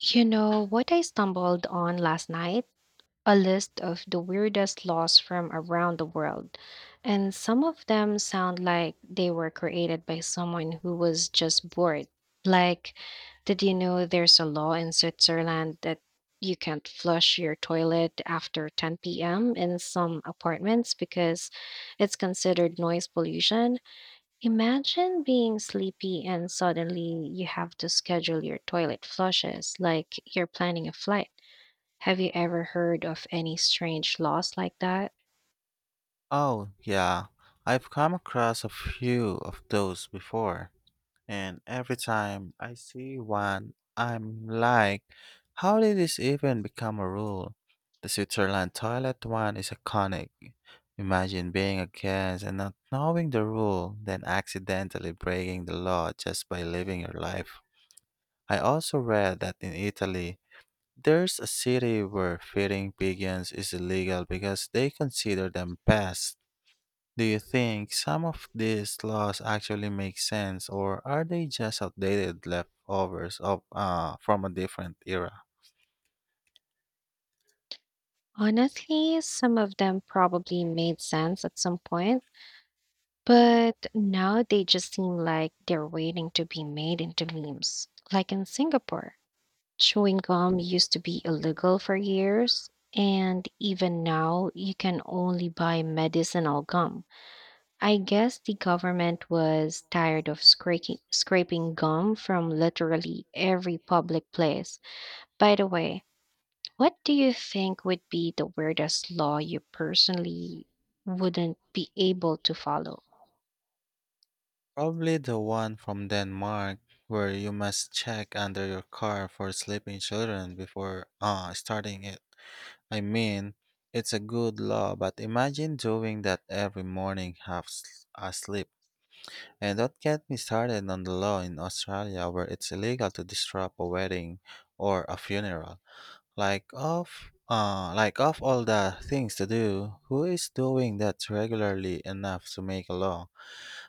You know what I stumbled on last night? A list of the weirdest laws from around the world. And some of them sound like they were created by someone who was just bored. Like, did you know there's a law in Switzerland that you can't flush your toilet after 10 p.m. in some apartments because it's considered noise pollution? Imagine being sleepy and suddenly you have to schedule your toilet flushes like you're planning a flight. Have you ever heard of any strange laws like that? Oh, yeah. I've come across a few of those before, and every time I see one, I'm like, how did this even become a rule? The Switzerland toilet one is iconic. Imagine being a guest and not knowing the rule, then accidentally breaking the law just by living your life. I also read that in Italy, there's a city where feeding pigeons is illegal because they consider them pests. Do you think some of these laws actually make sense, or are they just outdated leftovers of from a different era? Honestly, some of them probably made sense at some point, but now they just seem like they're waiting to be made into memes. Like in Singapore, chewing gum used to be illegal for years, and even now you can only buy medicinal gum. I guess the government was tired of scraping gum from literally every public place. By the way, what do you think would be the weirdest law you personally wouldn't be able to follow? Probably the one from Denmark, where you must check under your car for sleeping children before starting it. I mean, it's a good law, but imagine doing that every morning asleep. And don't get me started on the law in Australia where it's illegal to disrupt a wedding or a funeral. Like of all the things to do, who is doing that regularly enough to make a law?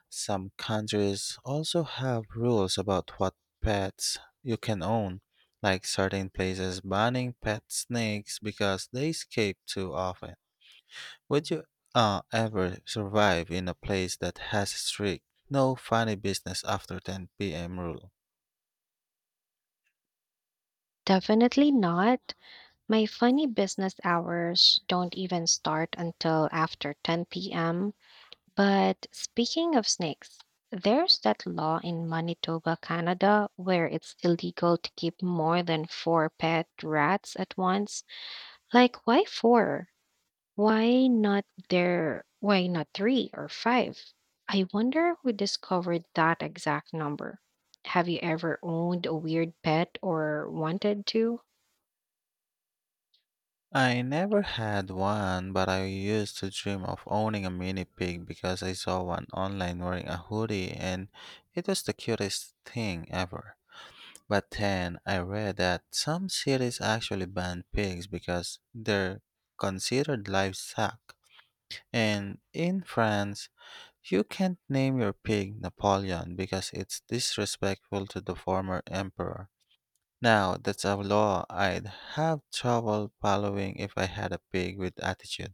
Some countries also have rules about what pets you can own, like certain places banning pet snakes because they escape too often. Would you ever survive in a place that has strict no funny business after 10 p.m. rule? Definitely not. My funny business hours don't even start until after 10 p.m. But speaking of snakes, there's that law in Manitoba, Canada, where it's illegal to keep more than four pet rats at once. Like, why four? Why not there? Why not three or five? I wonder who discovered that exact number. Have you ever owned a weird pet or wanted to? I never had one, but I used to dream of owning a mini pig because I saw one online wearing a hoodie, and it was the cutest thing ever. But then I read that some cities actually ban pigs because they're considered livestock. And in France, you can't name your pig Napoleon because it's disrespectful to the former emperor. Now, that's a law I'd have trouble following if I had a pig with attitude.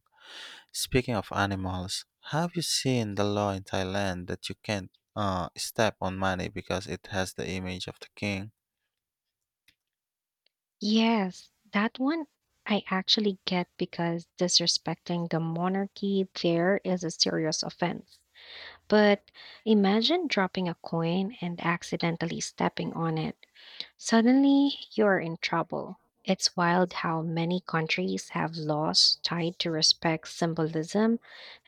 Speaking of animals, have you seen the law in Thailand that you can't step on money because it has the image of the king? Yes, that one I actually get because disrespecting the monarchy there is a serious offense. But imagine dropping a coin and accidentally stepping on it. Suddenly, you're in trouble. It's wild how many countries have laws tied to respect symbolism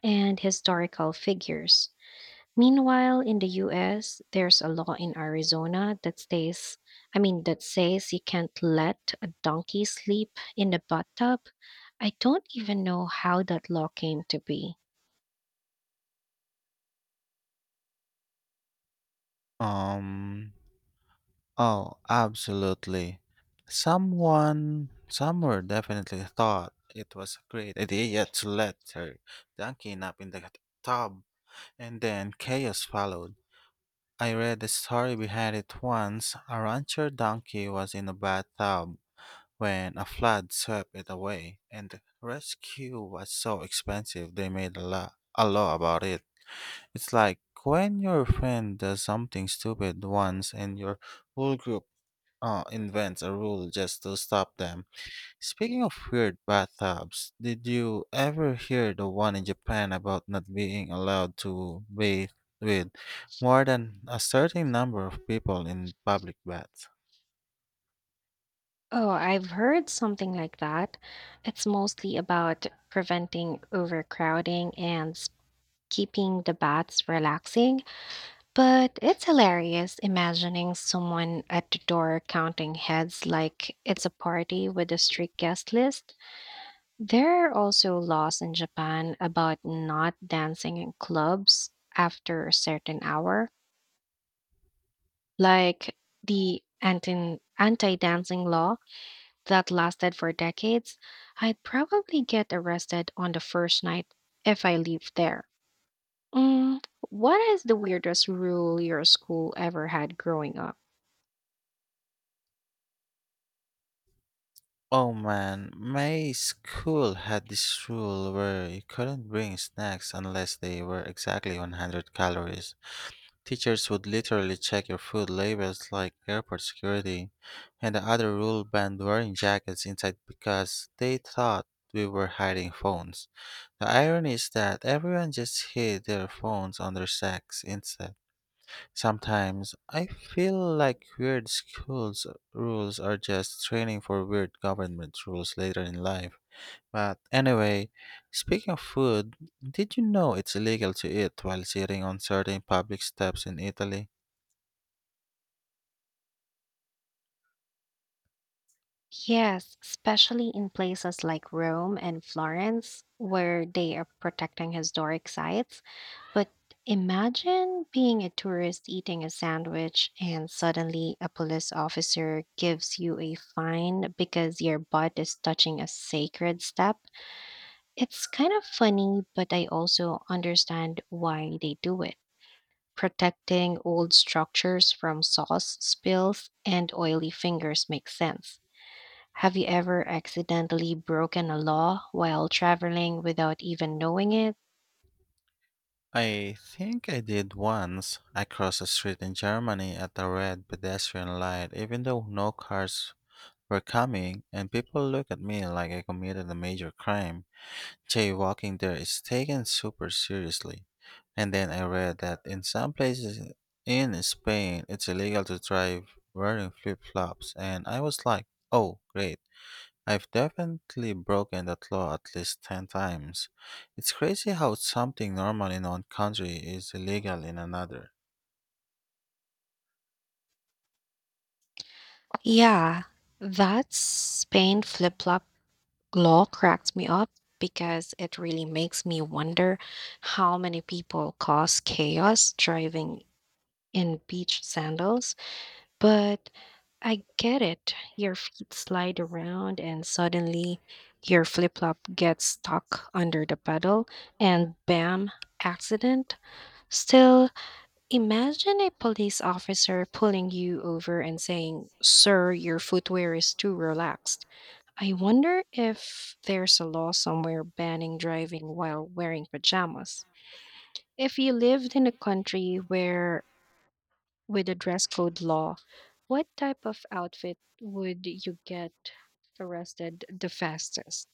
and historical figures. Meanwhile, in the US, there's a law in Arizona that stays I mean that says you can't let a donkey sleep in the bathtub. I don't even know how that law came to be. Um, oh, absolutely. Someone somewhere definitely thought it was a great idea to let her donkey nap in the tub, and then chaos followed. I read the story behind it once. A rancher donkey was in a bathtub when a flood swept it away, and the rescue was so expensive they made a law about it. It's like when your friend does something stupid once and your whole group invents a rule just to stop them. Speaking of weird bathtubs, did you ever hear the one in Japan about not being allowed to bathe with more than a certain number of people in public baths? Oh, I've heard something like that. It's mostly about preventing overcrowding and keeping the baths relaxing, but it's hilarious imagining someone at the door counting heads like it's a party with a strict guest list. There are also laws in Japan about not dancing in clubs after a certain hour, like the anti-dancing law that lasted for decades. I'd probably get arrested on the first night if I lived there. Mm, what is the weirdest rule your school ever had growing up? Oh man, my school had this rule where you couldn't bring snacks unless they were exactly 100 calories. Teachers would literally check your food labels like airport security, and the other rule banned wearing jackets inside because they thought we were hiding phones. The irony is that everyone just hid their phones on their sacks instead. Sometimes I feel like weird schools rules are just training for weird government rules later in life. But anyway, speaking of food, did you know it's illegal to eat while sitting on certain public steps in Italy? Yes, especially in places like Rome and Florence, where they are protecting historic sites. But imagine being a tourist eating a sandwich and suddenly a police officer gives you a fine because your butt is touching a sacred step. It's kind of funny, but I also understand why they do it. Protecting old structures from sauce spills and oily fingers makes sense. Have you ever accidentally broken a law while traveling without even knowing it? I think I did once. I crossed a street in Germany at a red pedestrian light, even though no cars were coming, and people looked at me like I committed a major crime. Jaywalking there is taken super seriously. And then I read that in some places in Spain, it's illegal to drive wearing flip flops, and I was like, oh, great. I've definitely broken that law at least 10 times. It's crazy how something normal in one country is illegal in another. Yeah, that Spain flip flop law cracks me up because it really makes me wonder how many people cause chaos driving in beach sandals. But I get it. Your feet slide around, and suddenly your flip flop gets stuck under the pedal, and bam, accident. Still, imagine a police officer pulling you over and saying, "Sir, your footwear is too relaxed." I wonder if there's a law somewhere banning driving while wearing pajamas. If you lived in a country where with a dress code law, what type of outfit would you get arrested the fastest?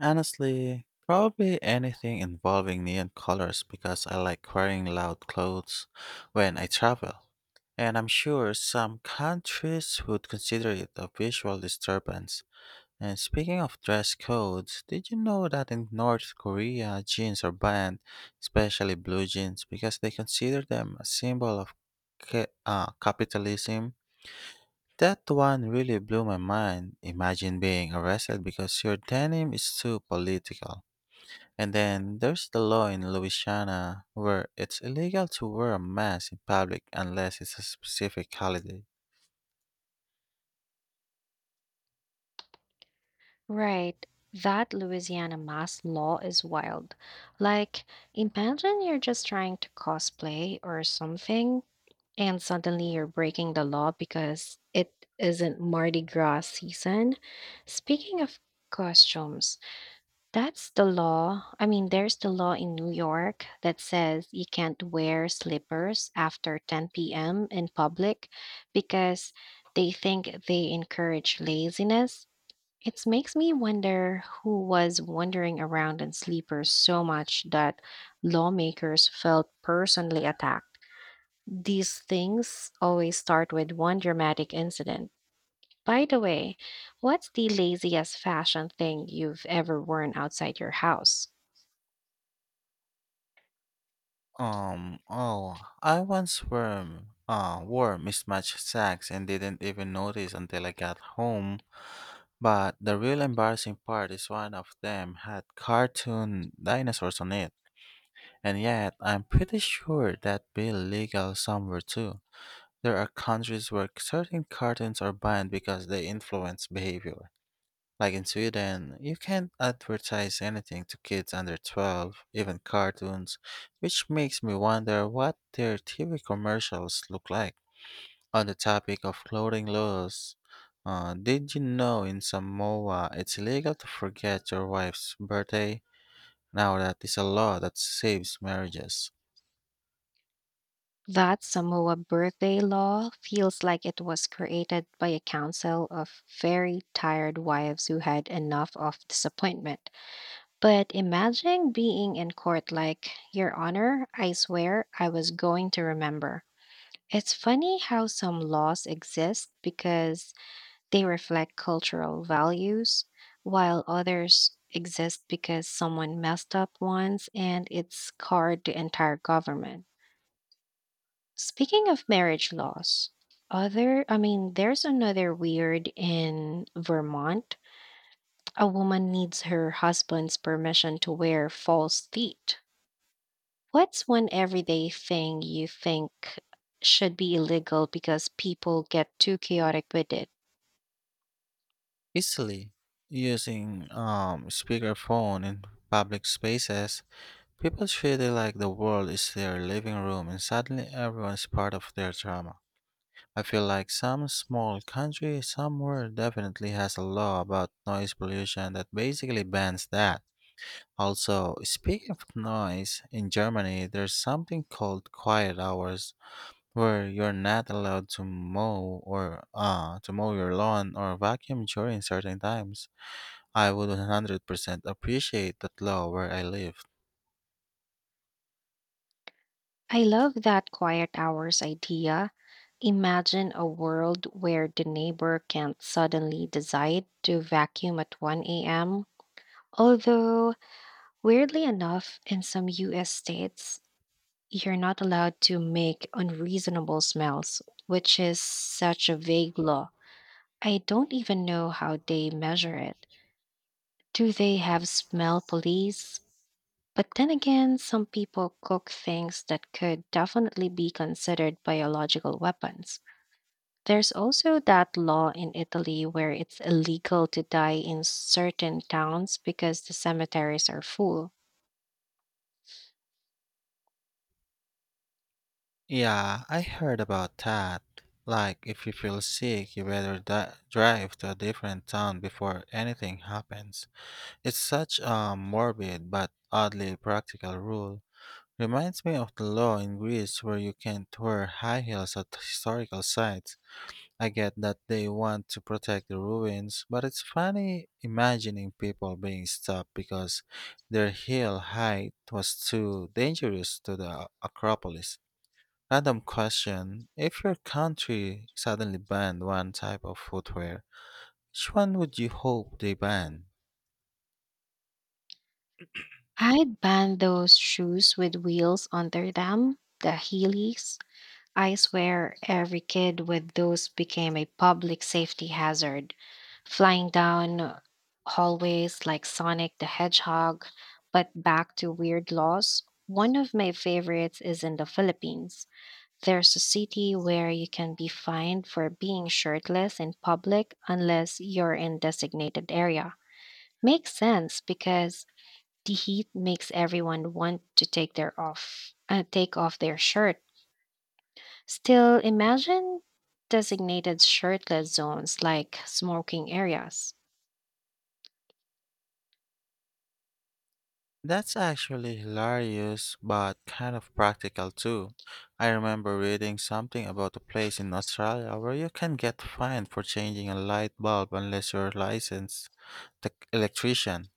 Honestly, probably anything involving neon colors because I like wearing loud clothes when I travel. And I'm sure some countries would consider it a visual disturbance. And speaking of dress codes, did you know that in North Korea, jeans are banned, especially blue jeans, because they consider them a symbol of capitalism? That one really blew my mind. Imagine being arrested because your denim is too political. And then there's the law in Louisiana where it's illegal to wear a mask in public unless it's a specific holiday. Right. That Louisiana mask law is wild. Like, imagine you're just trying to cosplay or something, and suddenly you're breaking the law because it isn't Mardi Gras season. Speaking of costumes, That's the law. I mean, there's the law in New York that says you can't wear slippers after 10 p.m. in public because they think they encourage laziness. It makes me wonder who was wandering around in sleepers so much that lawmakers felt personally attacked. These things always start with one dramatic incident. By the way, what's the laziest fashion thing you've ever worn outside your house? Oh, I once wore mismatched socks and didn't even notice until I got home. But the real embarrassing part is one of them had cartoon dinosaurs on it. And yet, I'm pretty sure that be legal somewhere too. There are countries where certain cartoons are banned because they influence behavior. Like in Sweden, you can't advertise anything to kids under 12, even cartoons, which makes me wonder what their TV commercials look like. On the topic of clothing laws, did you know in Samoa it's illegal to forget your wife's birthday? Now that is a law that saves marriages. That Samoa birthday law feels like it was created by a council of very tired wives who had enough of disappointment. But imagine being in court like, "Your Honor, I swear I was going to remember." It's funny how some laws exist because they reflect cultural values, while others exist because someone messed up once and it scarred the entire government. Speaking of marriage laws, other I mean, there's another weird in Vermont. A woman needs her husband's permission to wear false teeth. What's one everyday thing you think should be illegal because people get too chaotic with it? Easily using speakerphone in public spaces. People feel like the world is their living room and suddenly everyone's part of their drama. I feel like some small country somewhere definitely has a law about noise pollution that basically bans that. Also, speaking of noise, in Germany there's something called quiet hours where you're not allowed to mow or to mow your lawn or vacuum during certain times. I would 100% appreciate that law where I live. I love that quiet hours idea. Imagine a world where the neighbor can't suddenly decide to vacuum at 1 a.m. Although, weirdly enough, in some US states, you're not allowed to make unreasonable smells, which is such a vague law. I don't even know how they measure it. Do they have smell police? But then again, some people cook things that could definitely be considered biological weapons. There's also that law in Italy where it's illegal to die in certain towns because the cemeteries are full. Yeah, I heard about that. Like, if you feel sick, you better drive to a different town before anything happens. It's such a morbid but oddly practical rule. Reminds me of the law in Greece where you can't wear high heels at historical sites. I get that they want to protect the ruins, but it's funny imagining people being stopped because their heel height was too dangerous to the Acropolis. Random question. If your country suddenly banned one type of footwear, which one would you hope they ban? I'd ban those shoes with wheels under them, the Heelys. I swear every kid with those became a public safety hazard, flying down hallways like Sonic the Hedgehog. But back to weird laws, one of my favorites is in the Philippines. There's a city where you can be fined for being shirtless in public unless you're in designated area. Makes sense because the heat makes everyone want to take off their shirt. Still, imagine designated shirtless zones like smoking areas. That's actually hilarious, but kind of practical too. I remember reading something about a place in Australia where you can get fined for changing a light bulb unless you're a licensed electrician.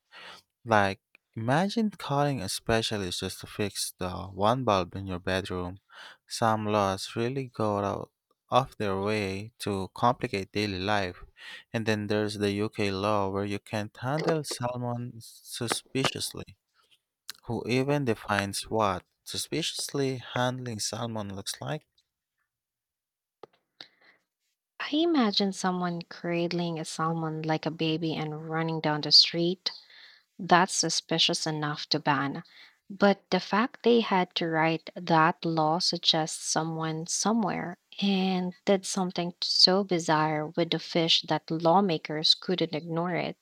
Like, imagine calling a specialist just to fix the one bulb in your bedroom. Some laws really go out of their way to complicate daily life. And then there's the UK law where you can't handle salmon suspiciously. Who even defines what suspiciously handling salmon looks like? I imagine someone cradling a salmon like a baby and running down the street. That's suspicious enough to ban. But the fact they had to write that law suggests someone somewhere and did something so bizarre with the fish that lawmakers couldn't ignore it.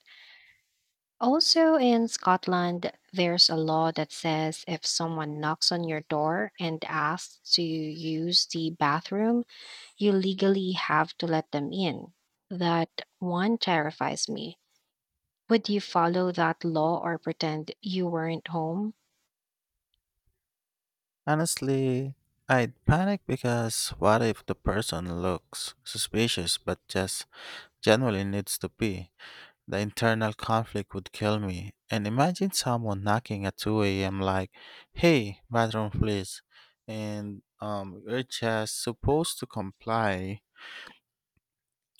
Also, in Scotland, there's a law that says if someone knocks on your door and asks to use the bathroom, you legally have to let them in. That one terrifies me. Would you follow that law or pretend you weren't home? Honestly, I'd panic because what if the person looks suspicious but just generally needs to pee? The internal conflict would kill me. And imagine someone knocking at 2 a.m. like, hey, bathroom please. And we're just supposed to comply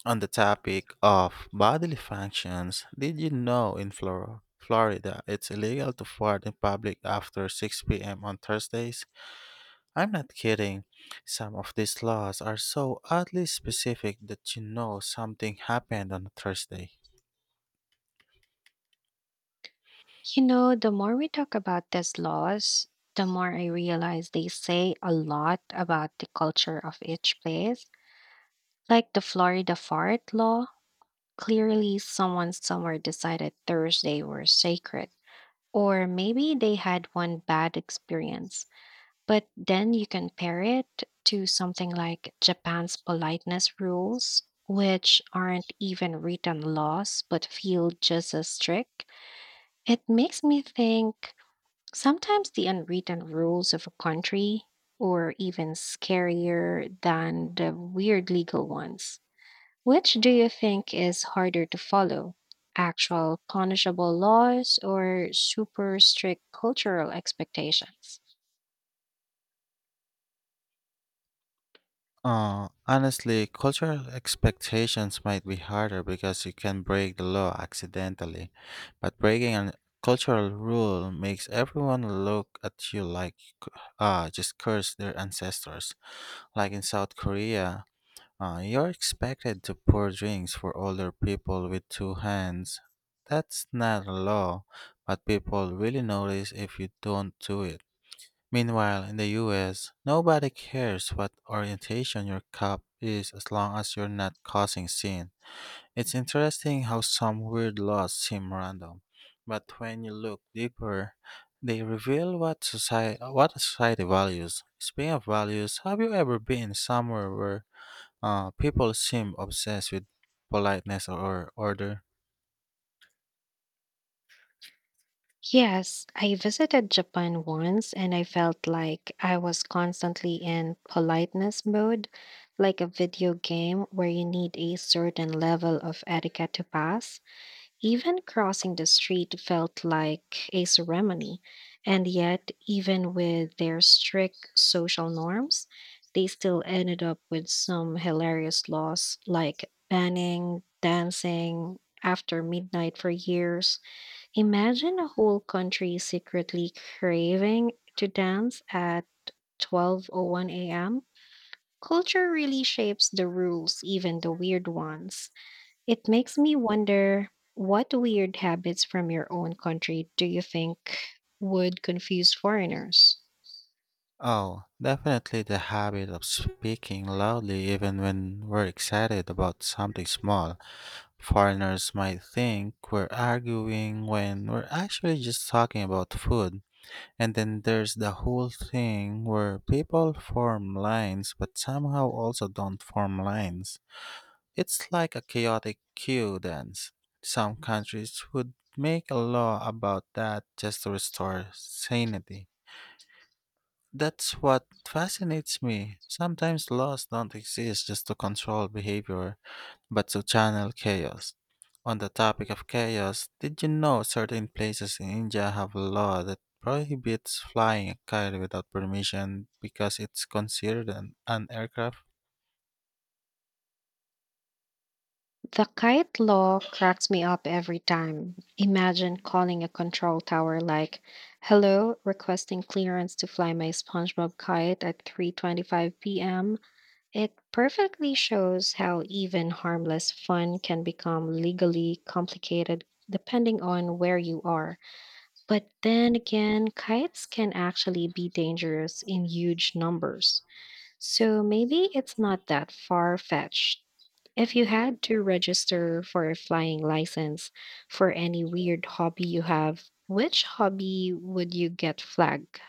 on the topic of bodily functions. Did you know in Florida it's illegal to fart in public after 6 p.m. on Thursdays? I'm not kidding. Some of these laws are so oddly specific that you know something happened on a Thursday. You know, the more we talk about these laws, the more I realize they say a lot about the culture of each place. Like the Florida fart law, clearly, someone somewhere decided Thursday were sacred. Or maybe they had one bad experience. But then you compare it to something like Japan's politeness rules, which aren't even written laws but feel just as strict. It makes me think sometimes the unwritten rules of a country, or even scarier than the weird legal ones. Which do you think is harder to follow? Actual punishable laws or super strict cultural expectations? Honestly, cultural expectations might be harder because you can break the law accidentally, but breaking a cultural rule makes everyone look at you like you just curse their ancestors. Like in South Korea, you're expected to pour drinks for older people with two hands. That's not a law, but people really notice if you don't do it. Meanwhile, in the US, nobody cares what orientation your cup is as long as you're not causing sin. It's interesting how some weird laws seem random, but when you look deeper, they reveal what a society values. Speaking of values, have you ever been somewhere where people seem obsessed with politeness or order? Yes, I visited Japan once and I felt like I was constantly in politeness mode, like a video game where you need a certain level of etiquette to pass. Even crossing the street felt like a ceremony, and yet, even with their strict social norms, they still ended up with some hilarious laws like banning dancing after midnight for years. Imagine a whole country secretly craving to dance at 12:01 a.m. Culture really shapes the rules, even the weird ones. It makes me wonder, what weird habits from your own country do you think would confuse foreigners? Oh, definitely the habit of speaking loudly even when we're excited about something small. Foreigners might think we're arguing when we're actually just talking about food. And then there's the whole thing where people form lines but somehow also don't form lines. It's like a chaotic queue dance. Some countries would make a law about that just to restore sanity. That's what fascinates me. Sometimes laws don't exist just to control behavior, but to channel chaos. On the topic of chaos, did you know certain places in India have a law that prohibits flying a kite without permission because it's considered an aircraft? The kite law cracks me up every time. Imagine calling a control tower like, "Hello, requesting clearance to fly my SpongeBob kite at 3:25 p.m." It perfectly shows how even harmless fun can become legally complicated depending on where you are. But then again, kites can actually be dangerous in huge numbers. So maybe it's not that far fetched. If you had to register for a flying license for any weird hobby you have, which hobby would you get flagged?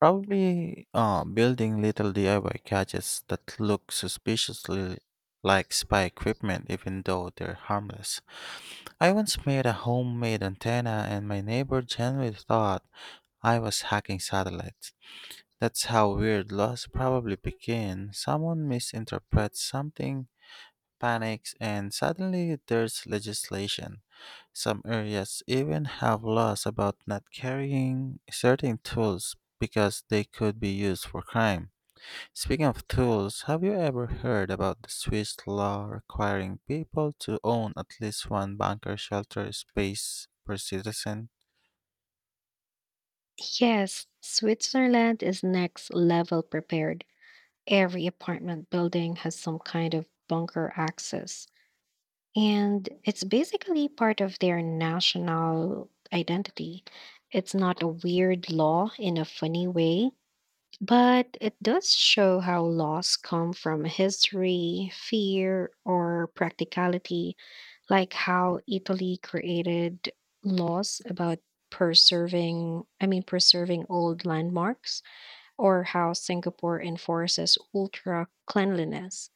Probably building little DIY gadgets that look suspiciously like spy equipment, even though they're harmless. I once made a homemade antenna, and my neighbor genuinely thought I was hacking satellites. That's how weird laws probably begin. Someone misinterprets something, panics, and suddenly there's legislation. Some areas even have laws about not carrying certain tools because they could be used for crime. Speaking of tools, have you ever heard about the Swiss law requiring people to own at least one bunker shelter space per citizen? Yes, Switzerland is next level prepared. Every apartment building has some kind of bunker access. And it's basically part of their national identity. It's not a weird law in a funny way, but it does show how laws come from history, fear, or practicality, like how Italy created laws about preserving I mean preserving old landmarks, or how Singapore enforces ultra cleanliness.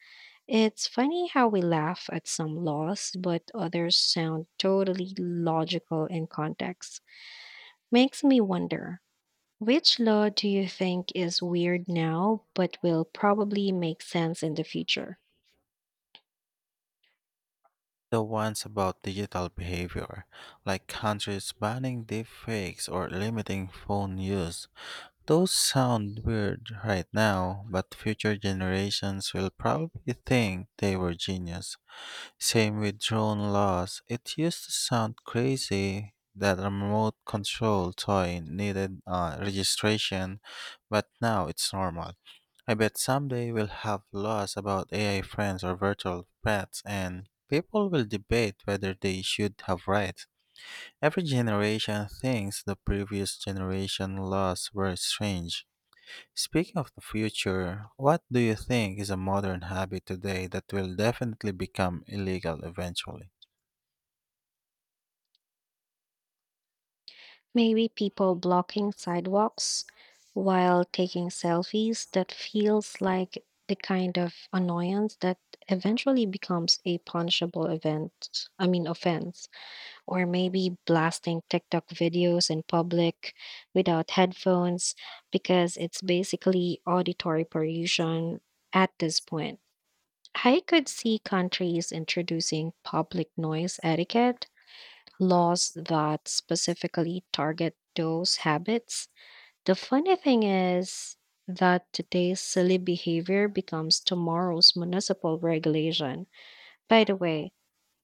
It's funny how we laugh at some laws, but others sound totally logical in context. Makes me wonder, which law do you think is weird now, but will probably make sense in the future? The ones about digital behavior, like countries banning deepfakes or limiting phone use. Those sound weird right now, but future generations will probably think they were genius. Same with drone laws. It used to sound crazy that a remote control toy needed registration, but now it's normal. I bet someday we'll have laws about AI friends or virtual pets, and people will debate whether they should have rights. Every generation thinks the previous generation laws were strange. Speaking of the future, what do you think is a modern hobby today that will definitely become illegal eventually? Maybe people blocking sidewalks while taking selfies. That feels like the kind of annoyance that eventually becomes a punishable offense. Or maybe blasting TikTok videos in public without headphones, because it's basically auditory pollution at this point. I could see countries introducing public noise etiquette laws that specifically target those habits. The funny thing is that today's silly behavior becomes tomorrow's municipal regulation. By the way,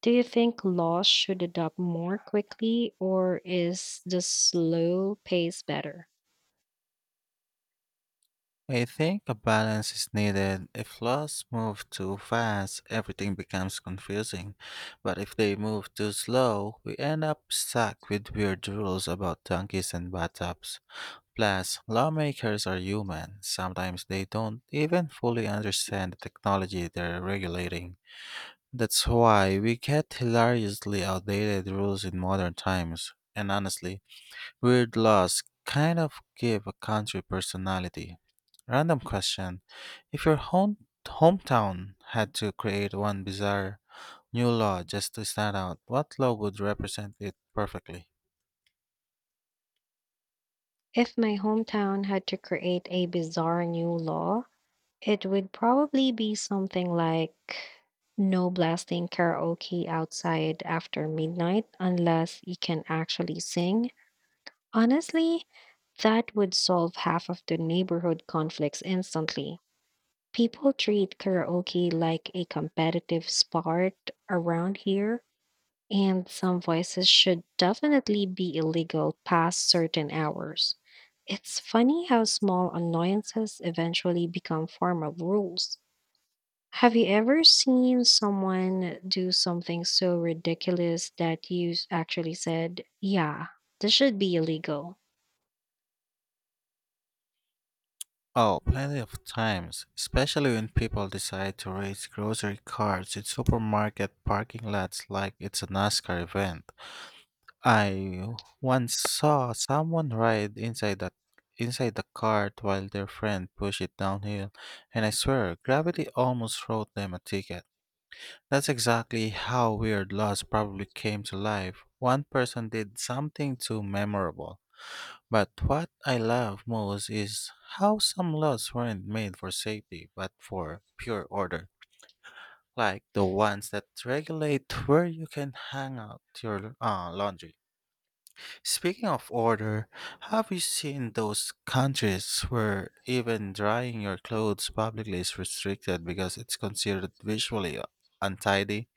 do you think laws should adopt more quickly, or is the slow pace better? I think a balance is needed. If laws move too fast, everything becomes confusing. But if they move too slow, we end up stuck with weird rules about donkeys and bathtubs. Plus, lawmakers are human. Sometimes they don't even fully understand the technology they're regulating. That's why we get hilariously outdated rules in modern times. And honestly, weird laws kind of give a country personality. Random question. If your hometown had to create one bizarre new law just to stand out, what law would represent it perfectly? If my hometown had to create a bizarre new law, it would probably be something like no blasting karaoke outside after midnight unless you can actually sing. Honestly, that would solve half of the neighborhood conflicts instantly. People treat karaoke like a competitive sport around here. And some voices should definitely be illegal past certain hours. It's funny how small annoyances eventually become formal rules. Have you ever seen someone do something so ridiculous that you actually said, yeah, this should be illegal? Oh, plenty of times, especially when people decide to race grocery carts in supermarket parking lots like it's a NASCAR event. I once saw someone ride inside the cart while their friend pushed it downhill, and I swear gravity almost wrote them a ticket. That's exactly how weird laws probably came to life. One person did something too memorable. But what I love most is how some laws weren't made for safety but for pure order. Like the ones that regulate where you can hang out your laundry. Speaking of order, have you seen those countries where even drying your clothes publicly is restricted because it's considered visually untidy?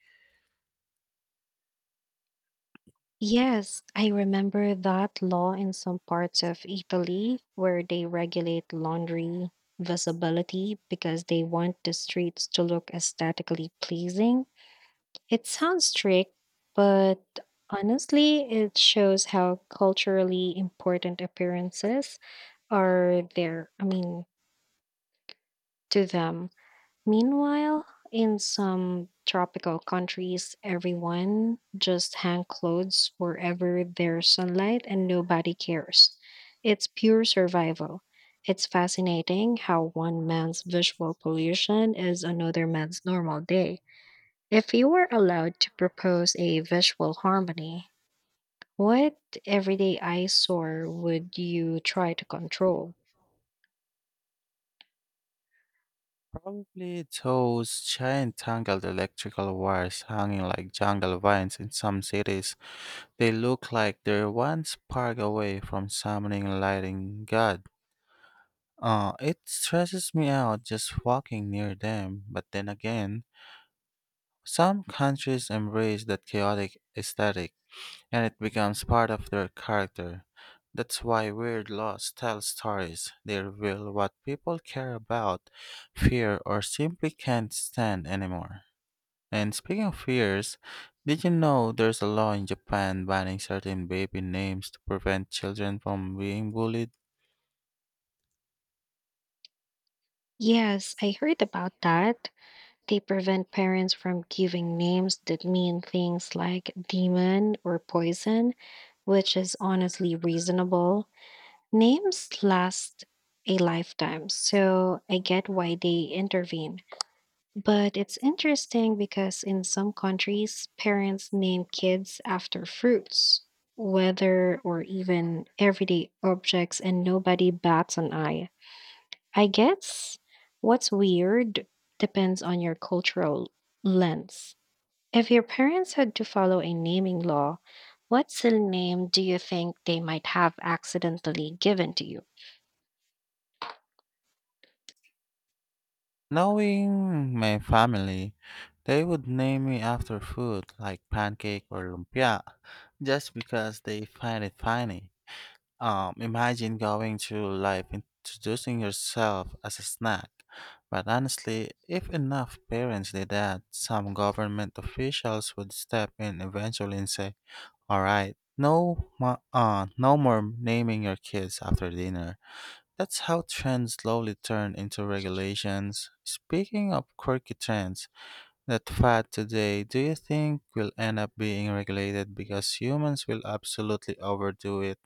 Yes, I remember that law in some parts of Italy where they regulate laundry visibility because they want the streets to look aesthetically pleasing. It sounds strict, but honestly, it shows how culturally important appearances are there. I mean, to them. Meanwhile, in some tropical countries, everyone just hang clothes wherever there's sunlight and nobody cares. It's pure survival. It's fascinating how one man's visual pollution is another man's normal day. If you were allowed to propose a visual harmony, what everyday eyesore would you try to control? Probably those giant tangled electrical wires hanging like jungle vines in some cities. They look like they're one spark away from summoning lighting god. It stresses me out just walking near them, but then again, some countries embrace that chaotic aesthetic and it becomes part of their character. That's why weird laws tell stories. They reveal what people care about, fear, or simply can't stand anymore. And speaking of fears, did you know there's a law in Japan banning certain baby names to prevent children from being bullied? Yes, I heard about that. They prevent parents from giving names that mean things like demon or poison, which is honestly reasonable. Names last a lifetime, so I get why they intervene. But it's interesting because in some countries, parents name kids after fruits, weather, or even everyday objects, and nobody bats an eye. I guess what's weird depends on your cultural lens. If your parents had to follow a naming law, what silly name do you think they might have accidentally given to you? Knowing my family, they would name me after food like pancake or lumpia just because they find it funny. Imagine going through life introducing yourself as a snack. But honestly, if enough parents did that, some government officials would step in eventually and say, "All right, no, no more naming your kids after dinner." That's how trends slowly turn into regulations. Speaking of quirky trends, that fad today, do you think will end up being regulated because humans will absolutely overdo it?